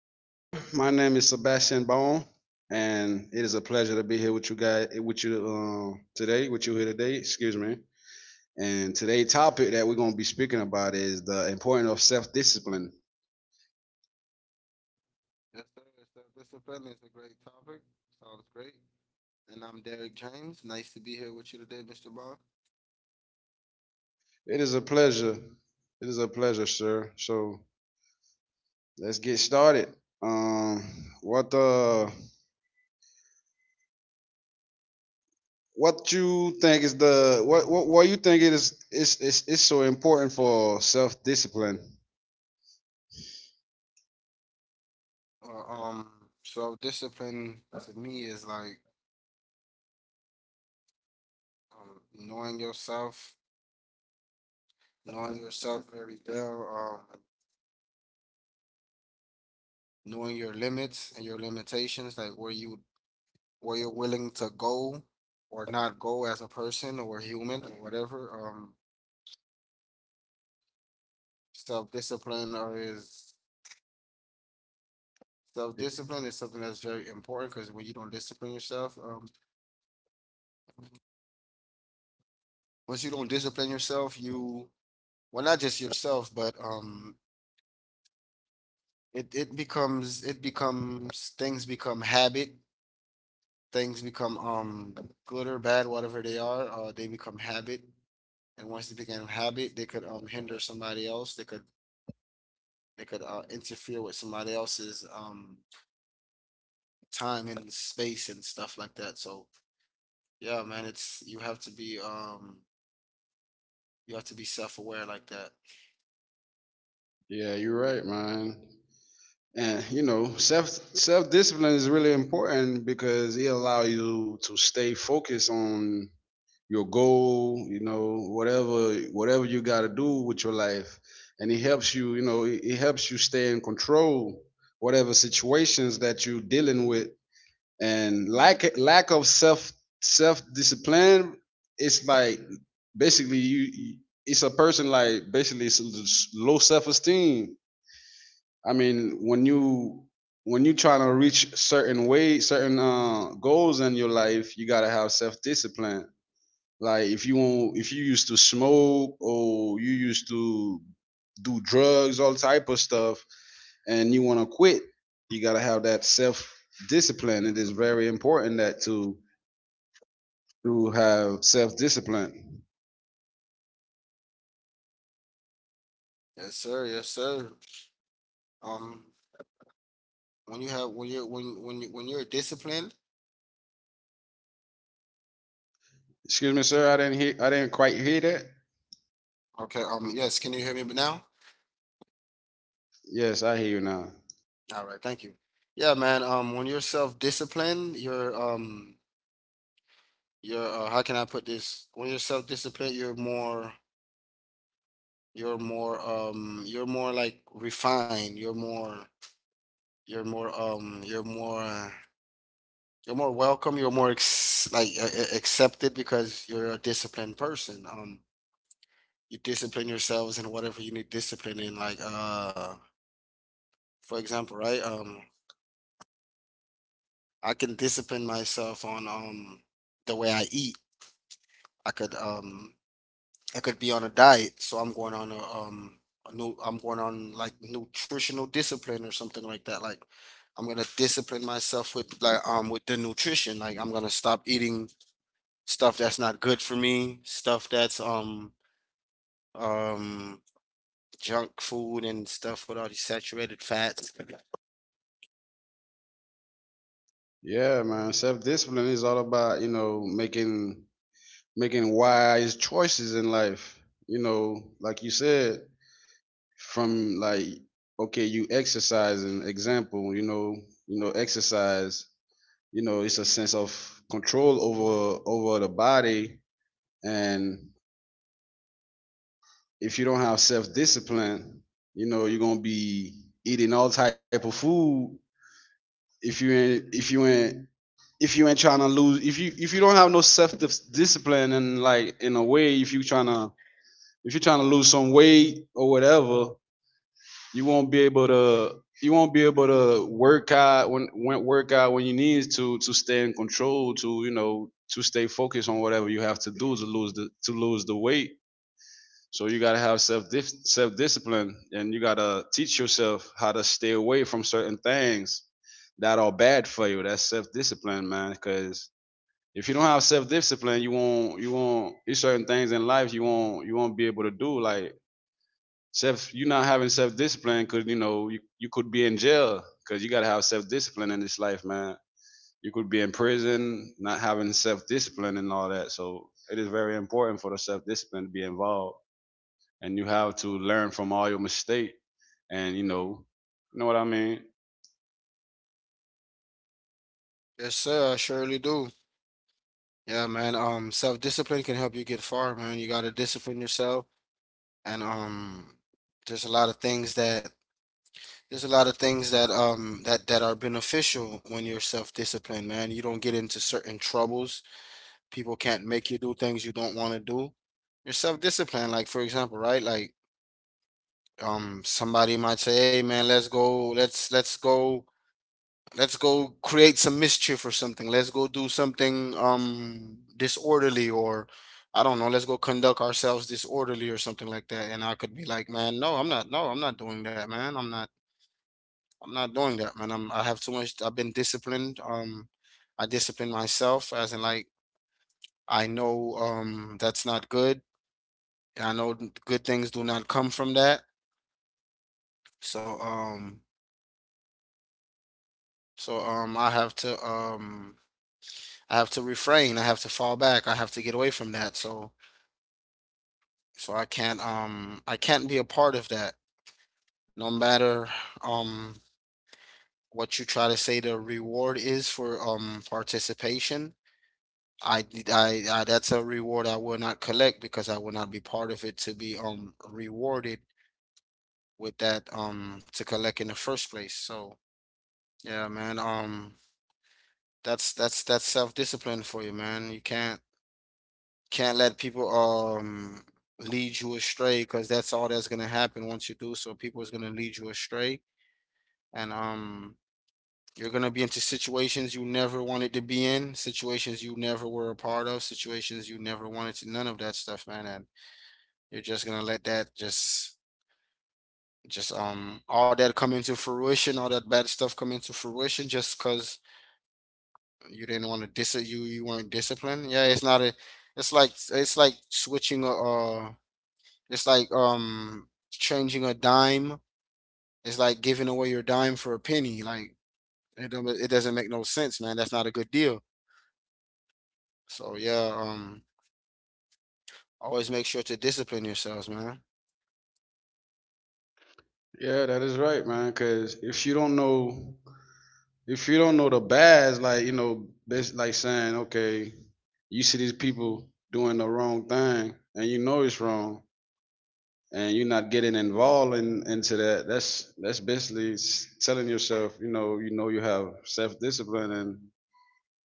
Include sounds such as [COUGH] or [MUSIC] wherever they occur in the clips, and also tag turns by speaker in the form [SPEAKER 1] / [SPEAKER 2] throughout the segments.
[SPEAKER 1] sir. My name is Sebastian Bone, and it is a pleasure to be here with you guys, with you today, with you here today. Excuse me. And today's topic that we're going to be speaking about is the importance of self-discipline.
[SPEAKER 2] Yes, sir. Yes, sir. Discipline is a great topic. Sounds great. And I'm Derek James. Nice to be here with you today, Mr. Bond.
[SPEAKER 1] It is a pleasure. It is a pleasure, sir. So let's get started. Um, what uh, what you think is what you think it is so important for self-discipline?
[SPEAKER 2] Uh, um, so discipline to me is like um, knowing yourself, knowing yourself very well, knowing your limits and your limitations, like where you're willing to go or not go as a person or a human or whatever. Self-discipline or is Self-discipline is something that's very important because when you don't discipline yourself, once you don't discipline yourself, you not just yourself, but it, it becomes things become habit, things become good or bad, whatever they are, they become habit. And once they become habit, they could hinder somebody else. They could interfere with somebody else's time and space and stuff like that. So yeah, man, it's you have to be self aware like that.
[SPEAKER 1] Yeah, you're right, man. And you know self discipline is really important because it allow you to stay focused on your goal, you know, whatever you got to do with your life, and it helps you, you know, it helps you stay in control whatever situations that you're dealing with. And lack of self discipline, it's like basically it's a person, like basically it's low self esteem. I mean, when you, when you trying to reach certain way, certain goals in your life, you gotta have self discipline. Like if you want, if you used to smoke or you used to do drugs, all type of stuff, and you want to quit, you gotta have that self discipline. It is very important that to have self discipline.
[SPEAKER 2] Yes, sir, yes, sir. Um when you have when you're when you when you're disciplined.
[SPEAKER 1] Excuse me, sir. I didn't hear. I didn't quite hear that.
[SPEAKER 2] Okay. Yes. Can you hear me now?
[SPEAKER 1] Yes, I hear you now.
[SPEAKER 2] All right. Thank you. Yeah, man. When you're self-disciplined, you're how can I put this? When you're self-disciplined, you're more like refined. You're more. Um. You're more. uh, You're more welcome. You're more accepted because you're a disciplined person. You discipline yourselves in whatever you need discipline in. For example, right? I can discipline myself on the way I eat. I could um I could be on a diet, so I'm going on like nutritional discipline or something like that. Like I'm gonna discipline myself with with the nutrition. Like I'm gonna stop eating stuff that's not good for me, stuff that's um junk food and stuff with all these saturated fats.
[SPEAKER 1] Yeah, man. Self discipline is all about, you know, making making wise choices in life. You know, like you said, from like okay, you exercise an example, you know, exercise, you know, it's a sense of control over over the body. And if you don't have self discipline, you know, you're gonna be eating all type of food if you ain't if you ain't if you ain't trying to lose if you don't have no self discipline and like in a way if you trying to if you're trying to lose some weight or whatever you won't be able to you won't be able to work out when work out when you need to stay in control to you know to stay focused on whatever you have to do to lose the weight. So you gotta have self discipline and you gotta teach yourself how to stay away from certain things that are bad for you. That's self discipline, man. Because if you don't have self discipline, you won't it's certain things in life you won't be able to do. Like self, you not having self discipline because you know you, you could be in jail, because you gotta have self discipline in this life, man. You could be in prison not having self discipline and all that. So it is very important for the self discipline to be involved, and you have to learn from all your mistake, and you know what I mean.
[SPEAKER 2] Yes, sir, I surely do. Yeah, man. Self-discipline can help you get far, man. You gotta discipline yourself and there's a lot of things that there's a lot of things that are beneficial when you're self-disciplined, man. You don't get into certain troubles. People can't make you do things you don't want to do. You're self-disciplined, like for example, right? Like somebody might say, "Hey man, let's go. Let's go Let's go create some mischief or something. Let's go do something disorderly or I don't know, let's go conduct ourselves disorderly or something like that." And I could be like, man, no, I'm not no, I'm not doing that, man. I'm not doing that, man. I'm I have too much I've been disciplined. I discipline myself as in like I know that's not good. I know good things do not come from that. So um so I have to refrain. I have to fall back. I have to get away from that. So I can't be a part of that. No matter um what you try to say, the reward is for participation. I, I, that's a reward I will not collect because I will not be part of it to be rewarded with that to collect in the first place. So yeah, man, that's self-discipline for you, man. You can't let people lead you astray because that's all that's gonna happen once you do so. People is gonna lead you astray, and you're gonna be into situations you never wanted to be in, situations you never were a part of, situations you never wanted to. None of that stuff, man. And you're just gonna let that just all that come into fruition, all that bad stuff come into fruition just because you didn't want to dis you you weren't disciplined. Yeah, it's not a it's like switching a uh it's like changing a dime. It's like giving away your dime for a penny. Like it doesn't make no sense, man. That's not a good deal. So yeah, always make sure to discipline yourselves, man.
[SPEAKER 1] Yeah, that is right, man. Because if you don't know, if you don't know the bads, like you know, that's like saying, okay, you see these people doing the wrong thing, and you know it's wrong, and you're not getting involved in, into that. That's basically telling yourself, you know, you know you have self discipline, and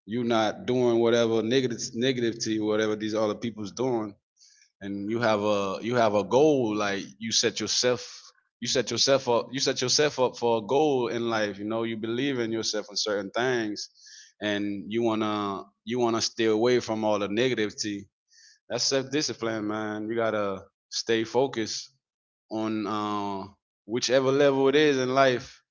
[SPEAKER 1] you're not doing whatever negative negativity, whatever these other people's doing. And you have a, you have a goal. Like you set yourself, you set yourself up, you set yourself up for a goal in life. You know you believe in yourself in certain things, and you want to, you want to stay away from all the negativity. That's self discipline, man. You got to stay focused on whichever level it is in life,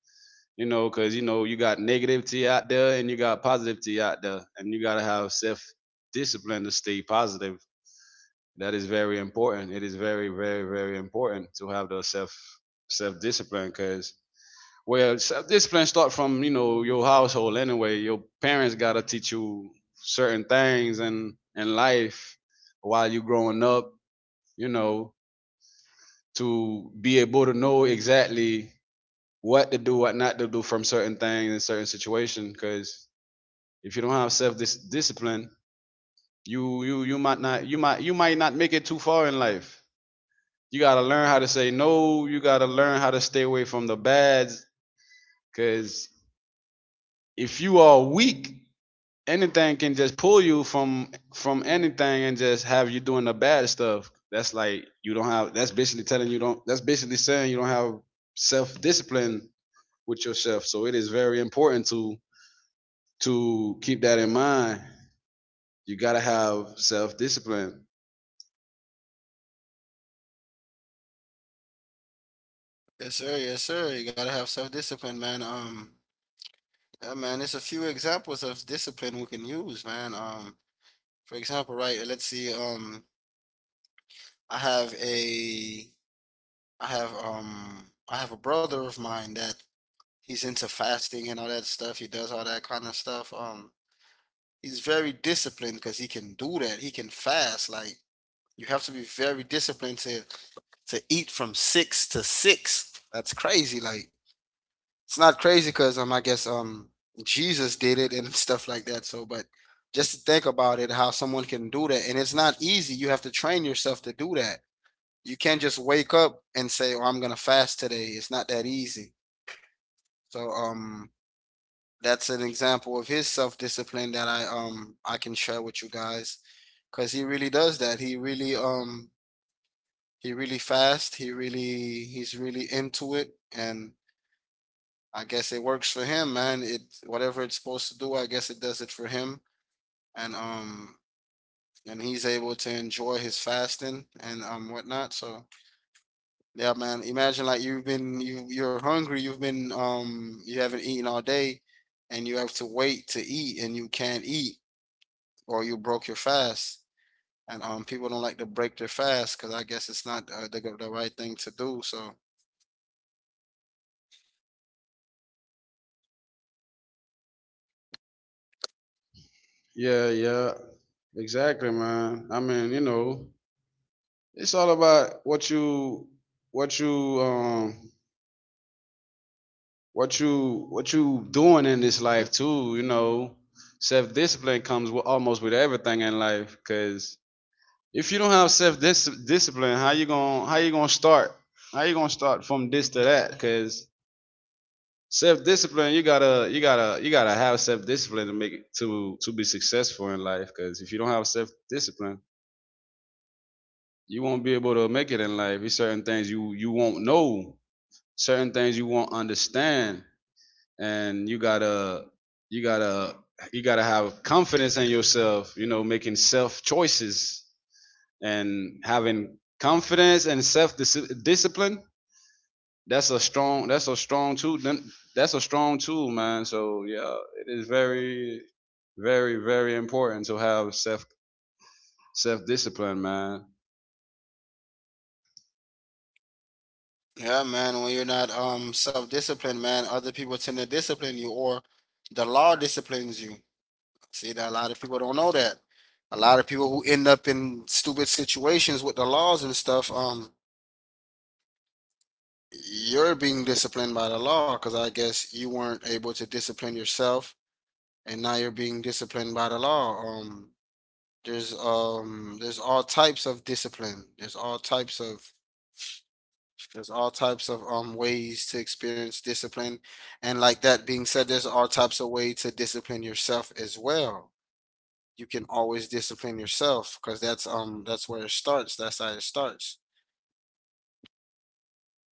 [SPEAKER 1] you know, cuz you know you got negativity out there and you got positivity out there and you got to have self discipline to stay positive. That is very important. It is very, very, very important to have the self discipline, because well, self discipline start from, you know, your household anyway. Your parents gotta teach you certain things and in life while you growing up. You know, to be able to know exactly what to do, what not to do from certain things in certain situation. Because if you don't have self discipline, you you you might not, you might, you might not make it too far in life. You gotta learn how to say no. You gotta learn how to stay away from the bads, cause if you are weak, anything can just pull you from anything and just have you doing the bad stuff. That's like you don't have. That's basically telling you don't. That's basically saying you don't have self discipline with yourself. So it is very important to keep that in mind. You gotta have self discipline.
[SPEAKER 2] Yes, sir. Yes, sir. You gotta have self discipline, man. Yeah, man. There's a few examples of discipline we can use, man. For example, right. Let's see. I have a, I have a brother of mine that he's into fasting and all that stuff. He does all that kind of stuff. He's very disciplined because he can do that. He can fast. Like you have to be very disciplined to eat from six to six. That's crazy. Like it's not crazy because Jesus did it and [LAUGHS] stuff like that. So, but just to think about it, how someone can do that, and it's not easy. You have to train yourself to do that. You can't just wake up and say, "Oh, I'm gonna fast today." It's not that easy. So, that's an example of his self discipline that I can share with you guys because he really does that. He really fast. He's really into it, and I guess it works for him, man. It whatever it's supposed to do, I guess it does it for him, and he's able to enjoy his fasting and whatnot. So yeah, man. Imagine like you're hungry. You've been you haven't eaten all day, and you have to wait to eat, and you can't eat or you broke your fast. And people don't like to break their fast because I guess it's not the right thing to do. So
[SPEAKER 1] Yeah, yeah, exactly, man. I mean, you know, it's all about what you, what you um what you what you doing in this life too, you know. Self discipline comes with almost with everything in life, cuz if you don't have self discipline, how you going, how you going to start? How you going to start from this to that? Cuz self discipline, you got to, you got to, you got to have self discipline to make it to be successful in life, cuz if you don't have self discipline, you won't be able to make it in life. There's certain things you you won't know, certain things you won't understand, and you gotta, you gotta, you gotta have confidence in yourself, you know, making self choices and having confidence and self discipline. That's a strong, that's a strong tool. That's a strong tool, man. So yeah, it is very, very, very important to have self discipline, man.
[SPEAKER 2] yeah, man, when you're not self-disciplined, man, other people tend to discipline you, or the law disciplines you. See that a lot of people don't know that. A lot of people who end up in stupid situations with the laws and stuff, you're being disciplined by the law because I guess you weren't able to discipline yourself, and now you're being disciplined by the law. There's all types of discipline. There's all types of ways to experience discipline. And like that being said, there's all types of way to discipline yourself as well. You can always discipline yourself because that's where it starts. That's how it starts.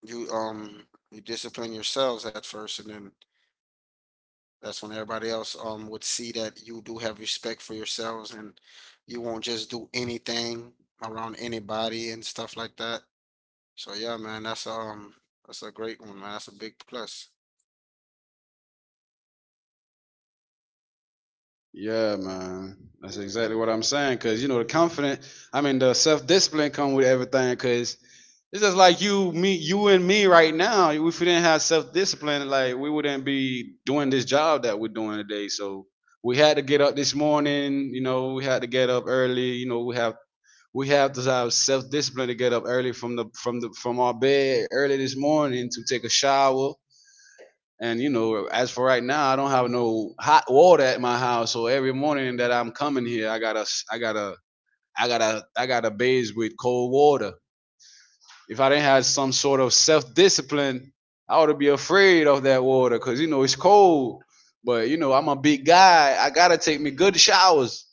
[SPEAKER 2] You um you discipline yourselves at first and then that's when everybody else would see that you do have respect for yourselves and you won't just do anything around anybody and stuff like that. So yeah, man, that's a great one, man. That's a big plus.
[SPEAKER 1] Yeah, man. That's exactly what I'm saying. Cause you know the confidence, I mean the self discipline come with everything. Cause it's just like you, me, you and me right now. If we didn't have self discipline, like we wouldn't be doing this job that we're doing today. So we had to get up this morning. You know, we had to get up early. You know, we have, we have to have self discipline to get up early from the from the from our bed early this morning to take a shower. And you know, as for right now, I don't have no hot water at my house. So every morning that I'm coming here, I got to I gotta, I gotta, I gotta bathe with cold water. If I didn't have some sort of self discipline, I ought to be afraid of that water because you know it's cold. But you know, I'm a big guy. I gotta take me good showers.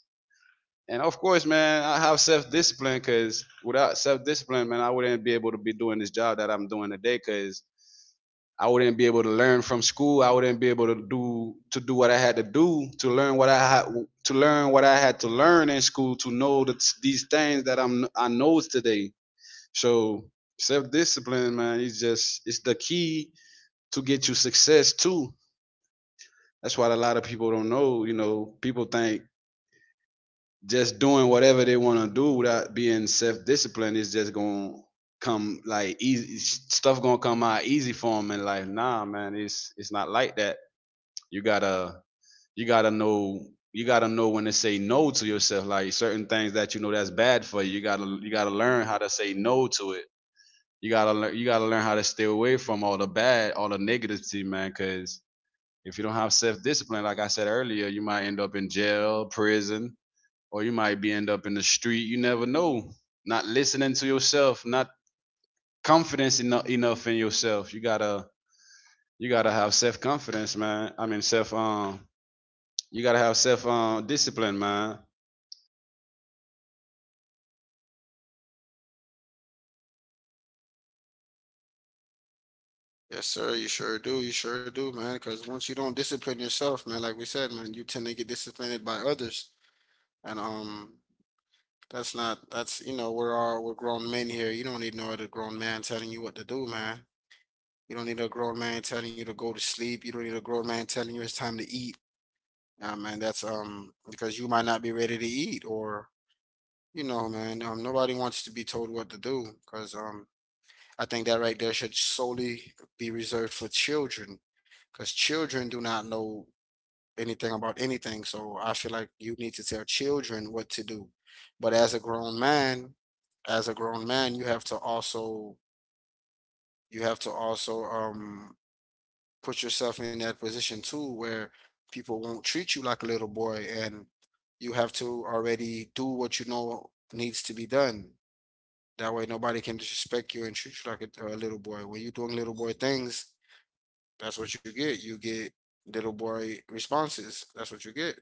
[SPEAKER 1] And of course, man, I have self discipline, because without self discipline, man, I wouldn't be able to be doing this job that I'm doing today. Because I wouldn't be able to learn from school. I wouldn't be able to do, to do what I had to do to learn what I had to learn, what I had to learn in school to know that these things that I'm I know today. So self discipline, man, is just it's the key to get you success too. That's what a lot of people don't know. You know, people think just doing whatever they want to do without being self disciplined is just gonna come like easy, stuff gonna come out easy for them in life. Nah, man, it's not like that. You gotta, you gotta know, you gotta know when to say no to yourself. Like certain things that you know that's bad for you. You gotta, you gotta learn how to say no to it. You gotta learn, you gotta learn how to stay away from all the bad, all the negativity, man. Cause if you don't have self discipline, like I said earlier, you might end up in jail, prison, or you might be end up in the street. You never know. Not listening to yourself, not confidence enough in yourself. You gotta, you gotta have self confidence, man. I mean self you gotta have self discipline, man.
[SPEAKER 2] Yes, sir. You sure do. You sure do, man. Because once you don't discipline yourself, man, like we said, man, you tend to get disciplined by others, and that's not that's you know, we're all, we're grown men here. You don't need no other grown man telling you what to do, man. You don't need a grown man telling you to go to sleep. You don't need a grown man telling you it's time to eat. Nah, man, that's because you might not be ready to eat, or you know, man, nobody wants to be told what to do, because I think that right there should solely be reserved for children, because children do not know anything about anything. So I feel like you need to tell children what to do. But as a grown man, as a grown man, you have to also you have to also put yourself in that position too, where people won't treat you like a little boy, and you have to already do what you know needs to be done. That way, nobody can disrespect you and treat you like a little boy. When you're doing little boy things, that's what you get. You get little boy responses. That's what you get.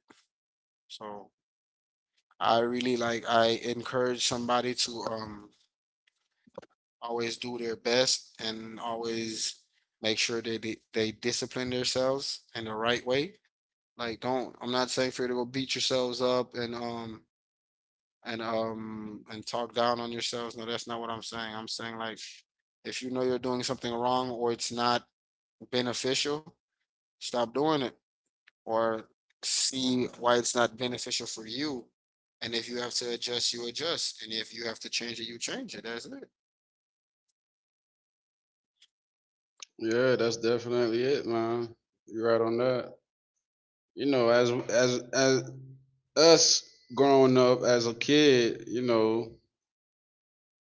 [SPEAKER 2] So I really like I encourage somebody to always do their best and always make sure that they discipline themselves in the right way. Like don't I'm not saying for you to go beat yourselves up and and talk down on yourselves. No, that's not what I'm saying. I'm saying like if you know you're doing something wrong or it's not beneficial, stop doing it. Or see why it's not beneficial for you. And if you have to adjust, you adjust. And if you have to change it, you change it. That's it.
[SPEAKER 1] Yeah, that's definitely it, man. You're right on that. You know, as as us growing up as a kid, you know,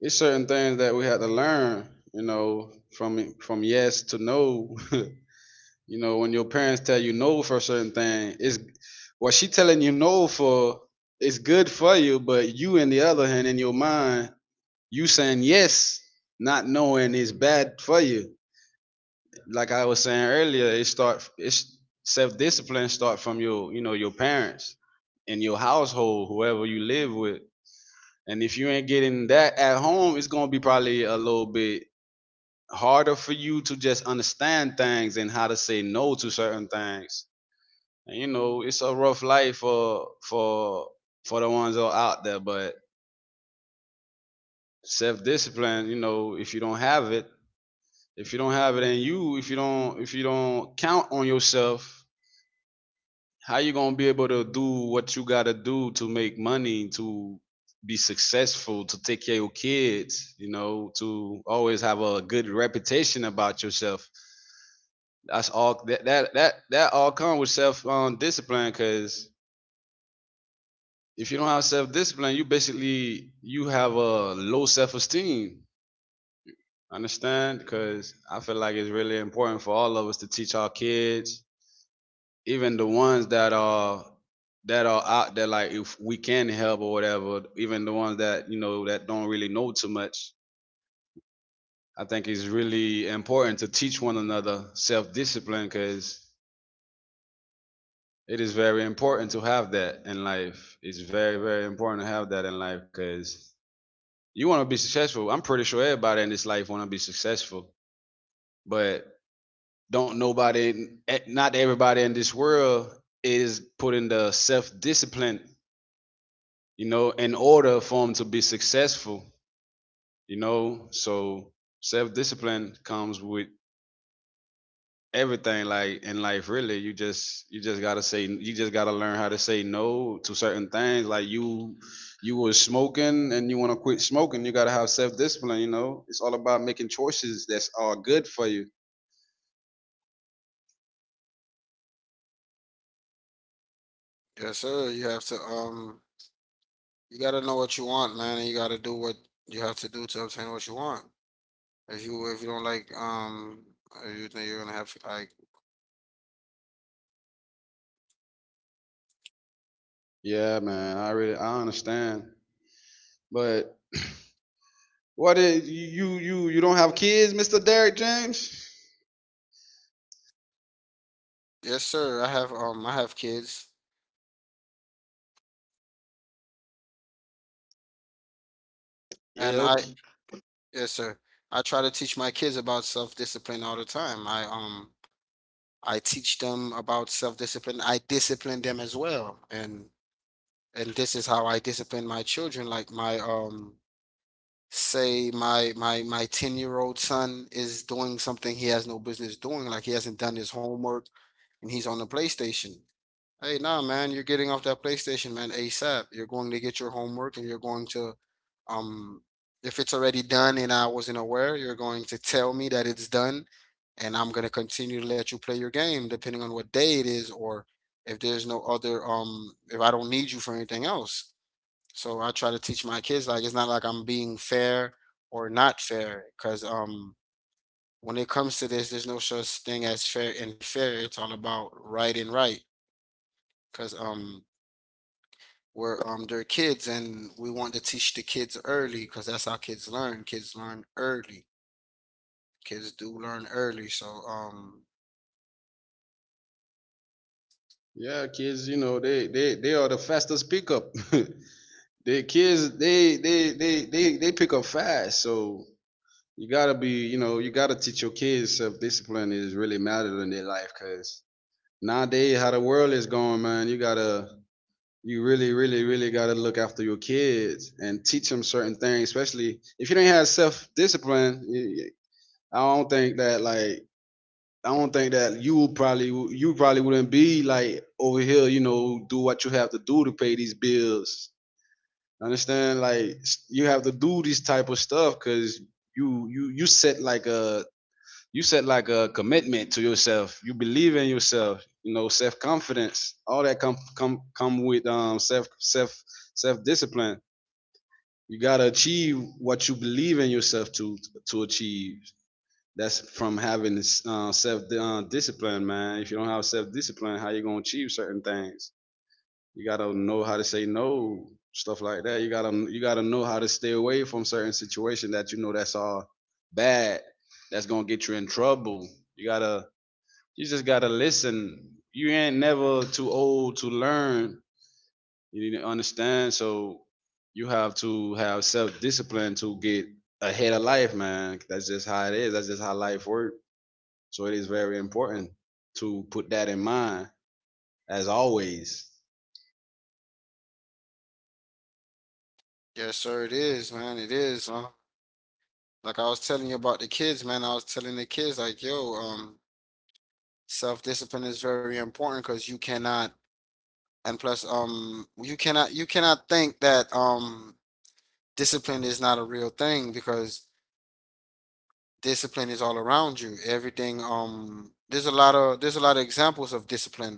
[SPEAKER 1] it's certain things that we had to learn, you know, from yes to no. [LAUGHS] You know, when your parents tell you no for a certain thing, it's what she telling you no for is good for you, but you on the other hand in your mind, you saying yes, not knowing is bad for you. Like I was saying earlier, it's self discipline start from your, you know, your parents and your household, whoever you live with. And if you ain't getting that at home, it's gonna be probably a little bit harder for you to just understand things and how to say no to certain things. And you know, it's a rough life for the ones that are out there, but self discipline, you know, if you don't have it, if you don't have it in you, if you don't count on yourself, how you gonna be able to do what you gotta do to make money, to be successful, to take care of your kids, you know, to always have a good reputation about yourself. That's all that all comes with self discipline because if you don't have self discipline, you basically you have a low self esteem. Understand? Because I feel like it's really important for all of us to teach our kids, even the ones that are, that are out there, like if we can help or whatever, even the ones that, you know, that don't really know too much. I think it's really important to teach one another self-discipline because it is very important to have that in life. It's very, very important to have that in life because you want to be successful. I'm pretty sure everybody in this life want to be successful, but don't nobody eh, not everybody in this world is putting the self-discipline, you know, in order for them to be successful, you know. So self discipline comes with everything, like in life, really. You just gotta learn how to say no to certain things. Like you were smoking and you want to quit smoking, you gotta have self-discipline. You know, it's all about making choices that's all good for you.
[SPEAKER 2] Yes, sir. You have to you gotta know what you want, man, and you gotta do what you have to do to obtain what you want. If you don't like if you think you're gonna have like
[SPEAKER 1] Yeah, man, I really I understand, but what is you, you don't have kids, Mr. Derrick James?
[SPEAKER 2] Yes, sir. I have kids
[SPEAKER 1] Yeah,
[SPEAKER 2] and I
[SPEAKER 1] okay.
[SPEAKER 2] yes, sir. I try to teach my kids about self-discipline all the time. I teach them about self-discipline. I discipline them as well. And this is how I discipline my children. Like my Say my 10-year-old son is doing something he has no business doing, like he hasn't done his homework and he's on the PlayStation. Hey, nah, man, you're getting off that PlayStation, man, ASAP. You're going to get your homework and you're going to, um, if it's already done and I wasn't aware, you're going to tell me that it's done and I'm going to continue to let you play your game depending on what day it is or, if there's no other, if I don't need you for anything else. So I try to teach my kids, like, it's not like I'm being fair or not fair because, when it comes to this, there's no such thing as fair and fair. It's all about right and right because, were they're kids and we want to teach the kids early because that's how kids learn. Kids learn early. Kids do learn early. So
[SPEAKER 1] Yeah, kids, you know, they are the fastest pickup. [LAUGHS] The kids, they pick up fast. So you gotta be, you know, you gotta teach your kids self discipline is really matter in their life, cause nowadays how the world is going, man, you gotta, you really gotta look after your kids and teach them certain things. Especially if you don't have self discipline, I don't think that like I don't think that you would probably, you probably wouldn't be like over here, you know, do what you have to do to pay these bills. Understand? Like you have to do this type of stuff because you set like a, you set like a commitment to yourself. You believe in yourself. You know, self confidence. All that come with self, self discipline. You gotta achieve what you believe in yourself to achieve. That's from having self, discipline, man. If you don't have self discipline, how you gonna achieve certain things? You gotta know how to say no, stuff like that. You gotta know how to stay away from certain situations that you know that's all bad. That's gonna get you in trouble. You gotta you just gotta listen. You ain't never too old to learn. You need to understand. So you have to have self discipline to get ahead of life, man. That's just how it is. That's just how life works. So it is very important to put that in mind, as always.
[SPEAKER 2] yes, sir, it is, man, it is, huh? Like I was telling you about the kids, man, I was telling the kids like, yo, self discipline is very important because you cannot and plus you cannot think that discipline is not a real thing because discipline is all around you. Everything, there's a lot of, there's a lot of examples of discipline.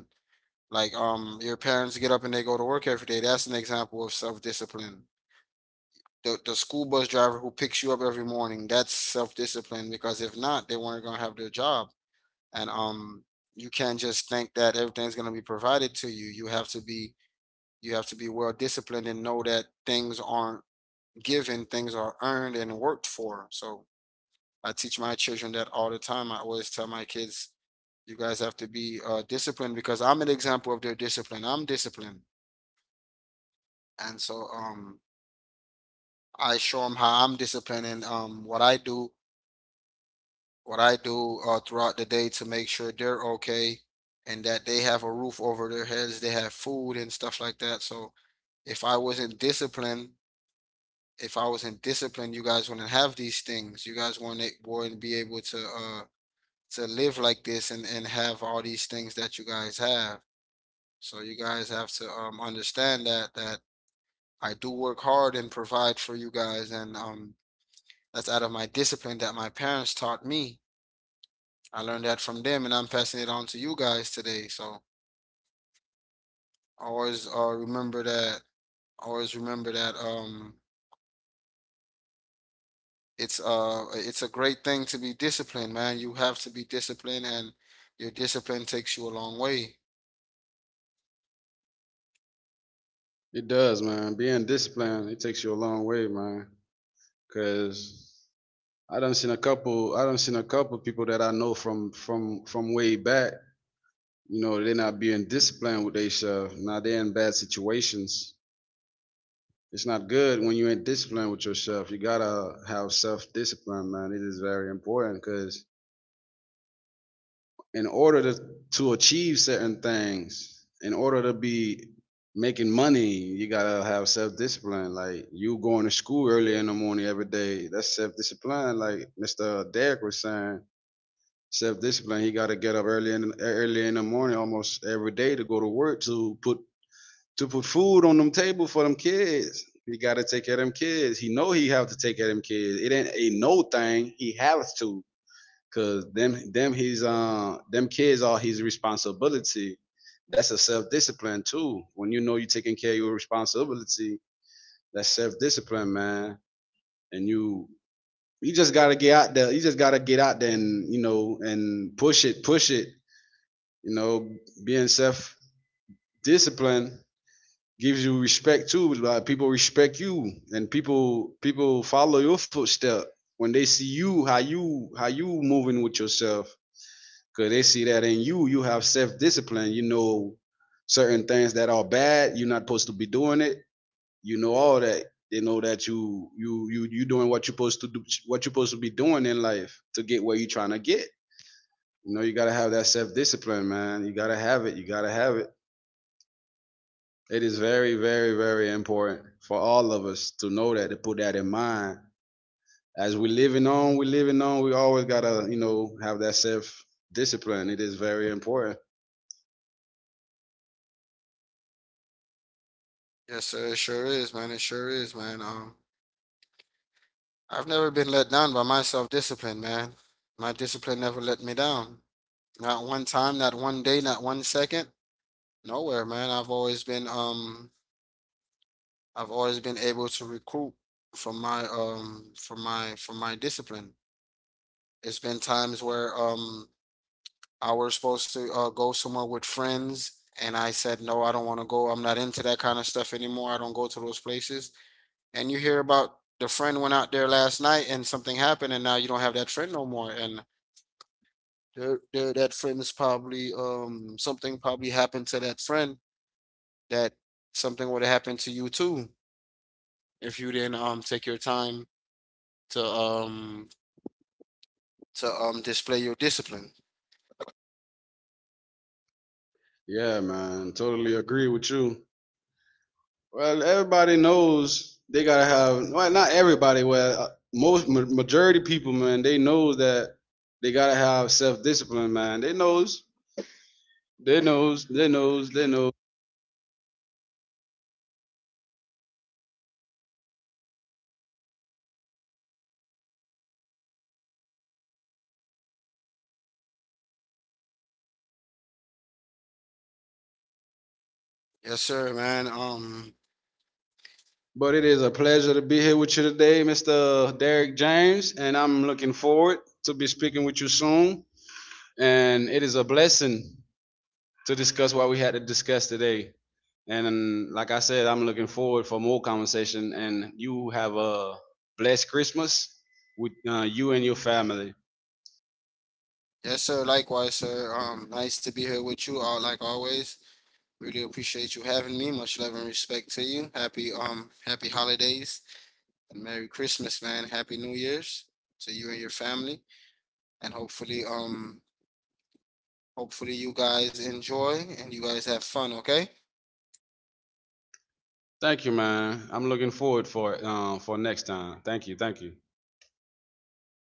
[SPEAKER 2] Like, your parents get up and they go to work every day. That's an example of self discipline. The school bus driver who picks you up every morning. That's self discipline because if not, they weren't gonna have their job. And, you can't just think that everything's gonna be provided to you. You have to be, you have to be well disciplined and know that things aren't given, things are earned and worked for. So I teach my children that all the time. I always tell my kids, you guys have to be disciplined because I'm an example of their discipline. I'm disciplined. And I show them how I'm disciplining, what I do, what I do, throughout the day to make sure they're okay and that they have a roof over their heads, they have food and stuff like that. So if I wasn't disciplined, if I wasn't disciplined, you guys wouldn't have these things. You guys wouldn't be able to to live like this and have all these things that you guys have. So you guys have to understand that I do work hard and provide for you guys, and that's out of my discipline that my parents taught me. I learned that from them, and I'm passing it on to you guys today. So always, remember that. Always remember that. It's it's a great thing to be disciplined, man. You have to be disciplined, and your discipline takes you a long way.
[SPEAKER 1] It does, man. Being disciplined, it takes you a long way, man. Cause I done seen a couple. I done seen a couple people that I know from from way back. You know, they're not being disciplined with their stuff. Now they're in bad situations. It's not good when you ain't disciplined with yourself. You gotta have self discipline, man. It is very important because in order to achieve certain things, in order to be making money, you gotta have self discipline. Like you going to school early in the morning every day, that's self discipline. Like Mister Derek was saying, self discipline. He gotta get up early in, early in the morning almost every day to go to work to put, to put food on them table for them kids. He gotta take care of them kids. He know he have to take care of them kids. It ain't a no thing. He has to. Cause them kids are his responsibility. That's a self discipline too. When you know you're taking care of your responsibility, that's self discipline, man. And you just gotta get out there. You just gotta get out there and, you know, and push it, push it. You know, being self disciplined gives you respect too. Like people respect you, and people follow your footstep when they see you, how you, how you moving with yourself, because they see that in you, you have self-discipline. You know, certain things that are bad, you're not supposed to be doing it, you know, all that. They know that you doing what you're supposed to do, what you're supposed to be doing in life to get where you're trying to get. You know, you got to have that self-discipline, man. You got to have it, you got to have it. It is very important for all of us to know that, to put that in mind. As we are living on, we are living on, we always got to, you know, have that self discipline. It is very important.
[SPEAKER 2] Yes, sir. It sure is, man. It sure is, man. I've never been let down by my self-discipline, man. My discipline never let me down. Not one time, not one day, not one second. Nowhere, man. I've always been able to recruit from my from my from my discipline. It's been times where I was supposed to go somewhere with friends and I said no, I don't want to go. I'm not into that kind of stuff anymore. I don't go to those places. And you hear about the friend went out there last night and something happened and now you don't have that friend no more. And that friend's probably, something probably happened to that friend, that something would have happened to you too if you didn't take your time to um to display your discipline.
[SPEAKER 1] Yeah, man, totally agree with you. Well, everybody knows they gotta have. Well, not everybody. Well, most majority people, man, they knows that they gotta have self discipline, man. They knows, they knows, they knows, they knows.
[SPEAKER 2] Yes, sir, man.
[SPEAKER 1] But it is a pleasure to be here with you today, Mr. Derek James, and I'm looking forward to be speaking with you soon. And it is a blessing to discuss what we had to discuss today. And like I said, I'm looking forward for more conversation. And you have a blessed Christmas with you and your family.
[SPEAKER 2] Yes, sir. Likewise, sir. Nice to be here with you all, like always. Really appreciate you having me. Much love and respect to you. Happy holidays and Merry Christmas, man. Happy New Year's to you and your family. And hopefully, hopefully you guys enjoy and you guys have fun. Okay.
[SPEAKER 1] Thank you, man. I'm looking forward for it, for next time. Thank you. Thank you.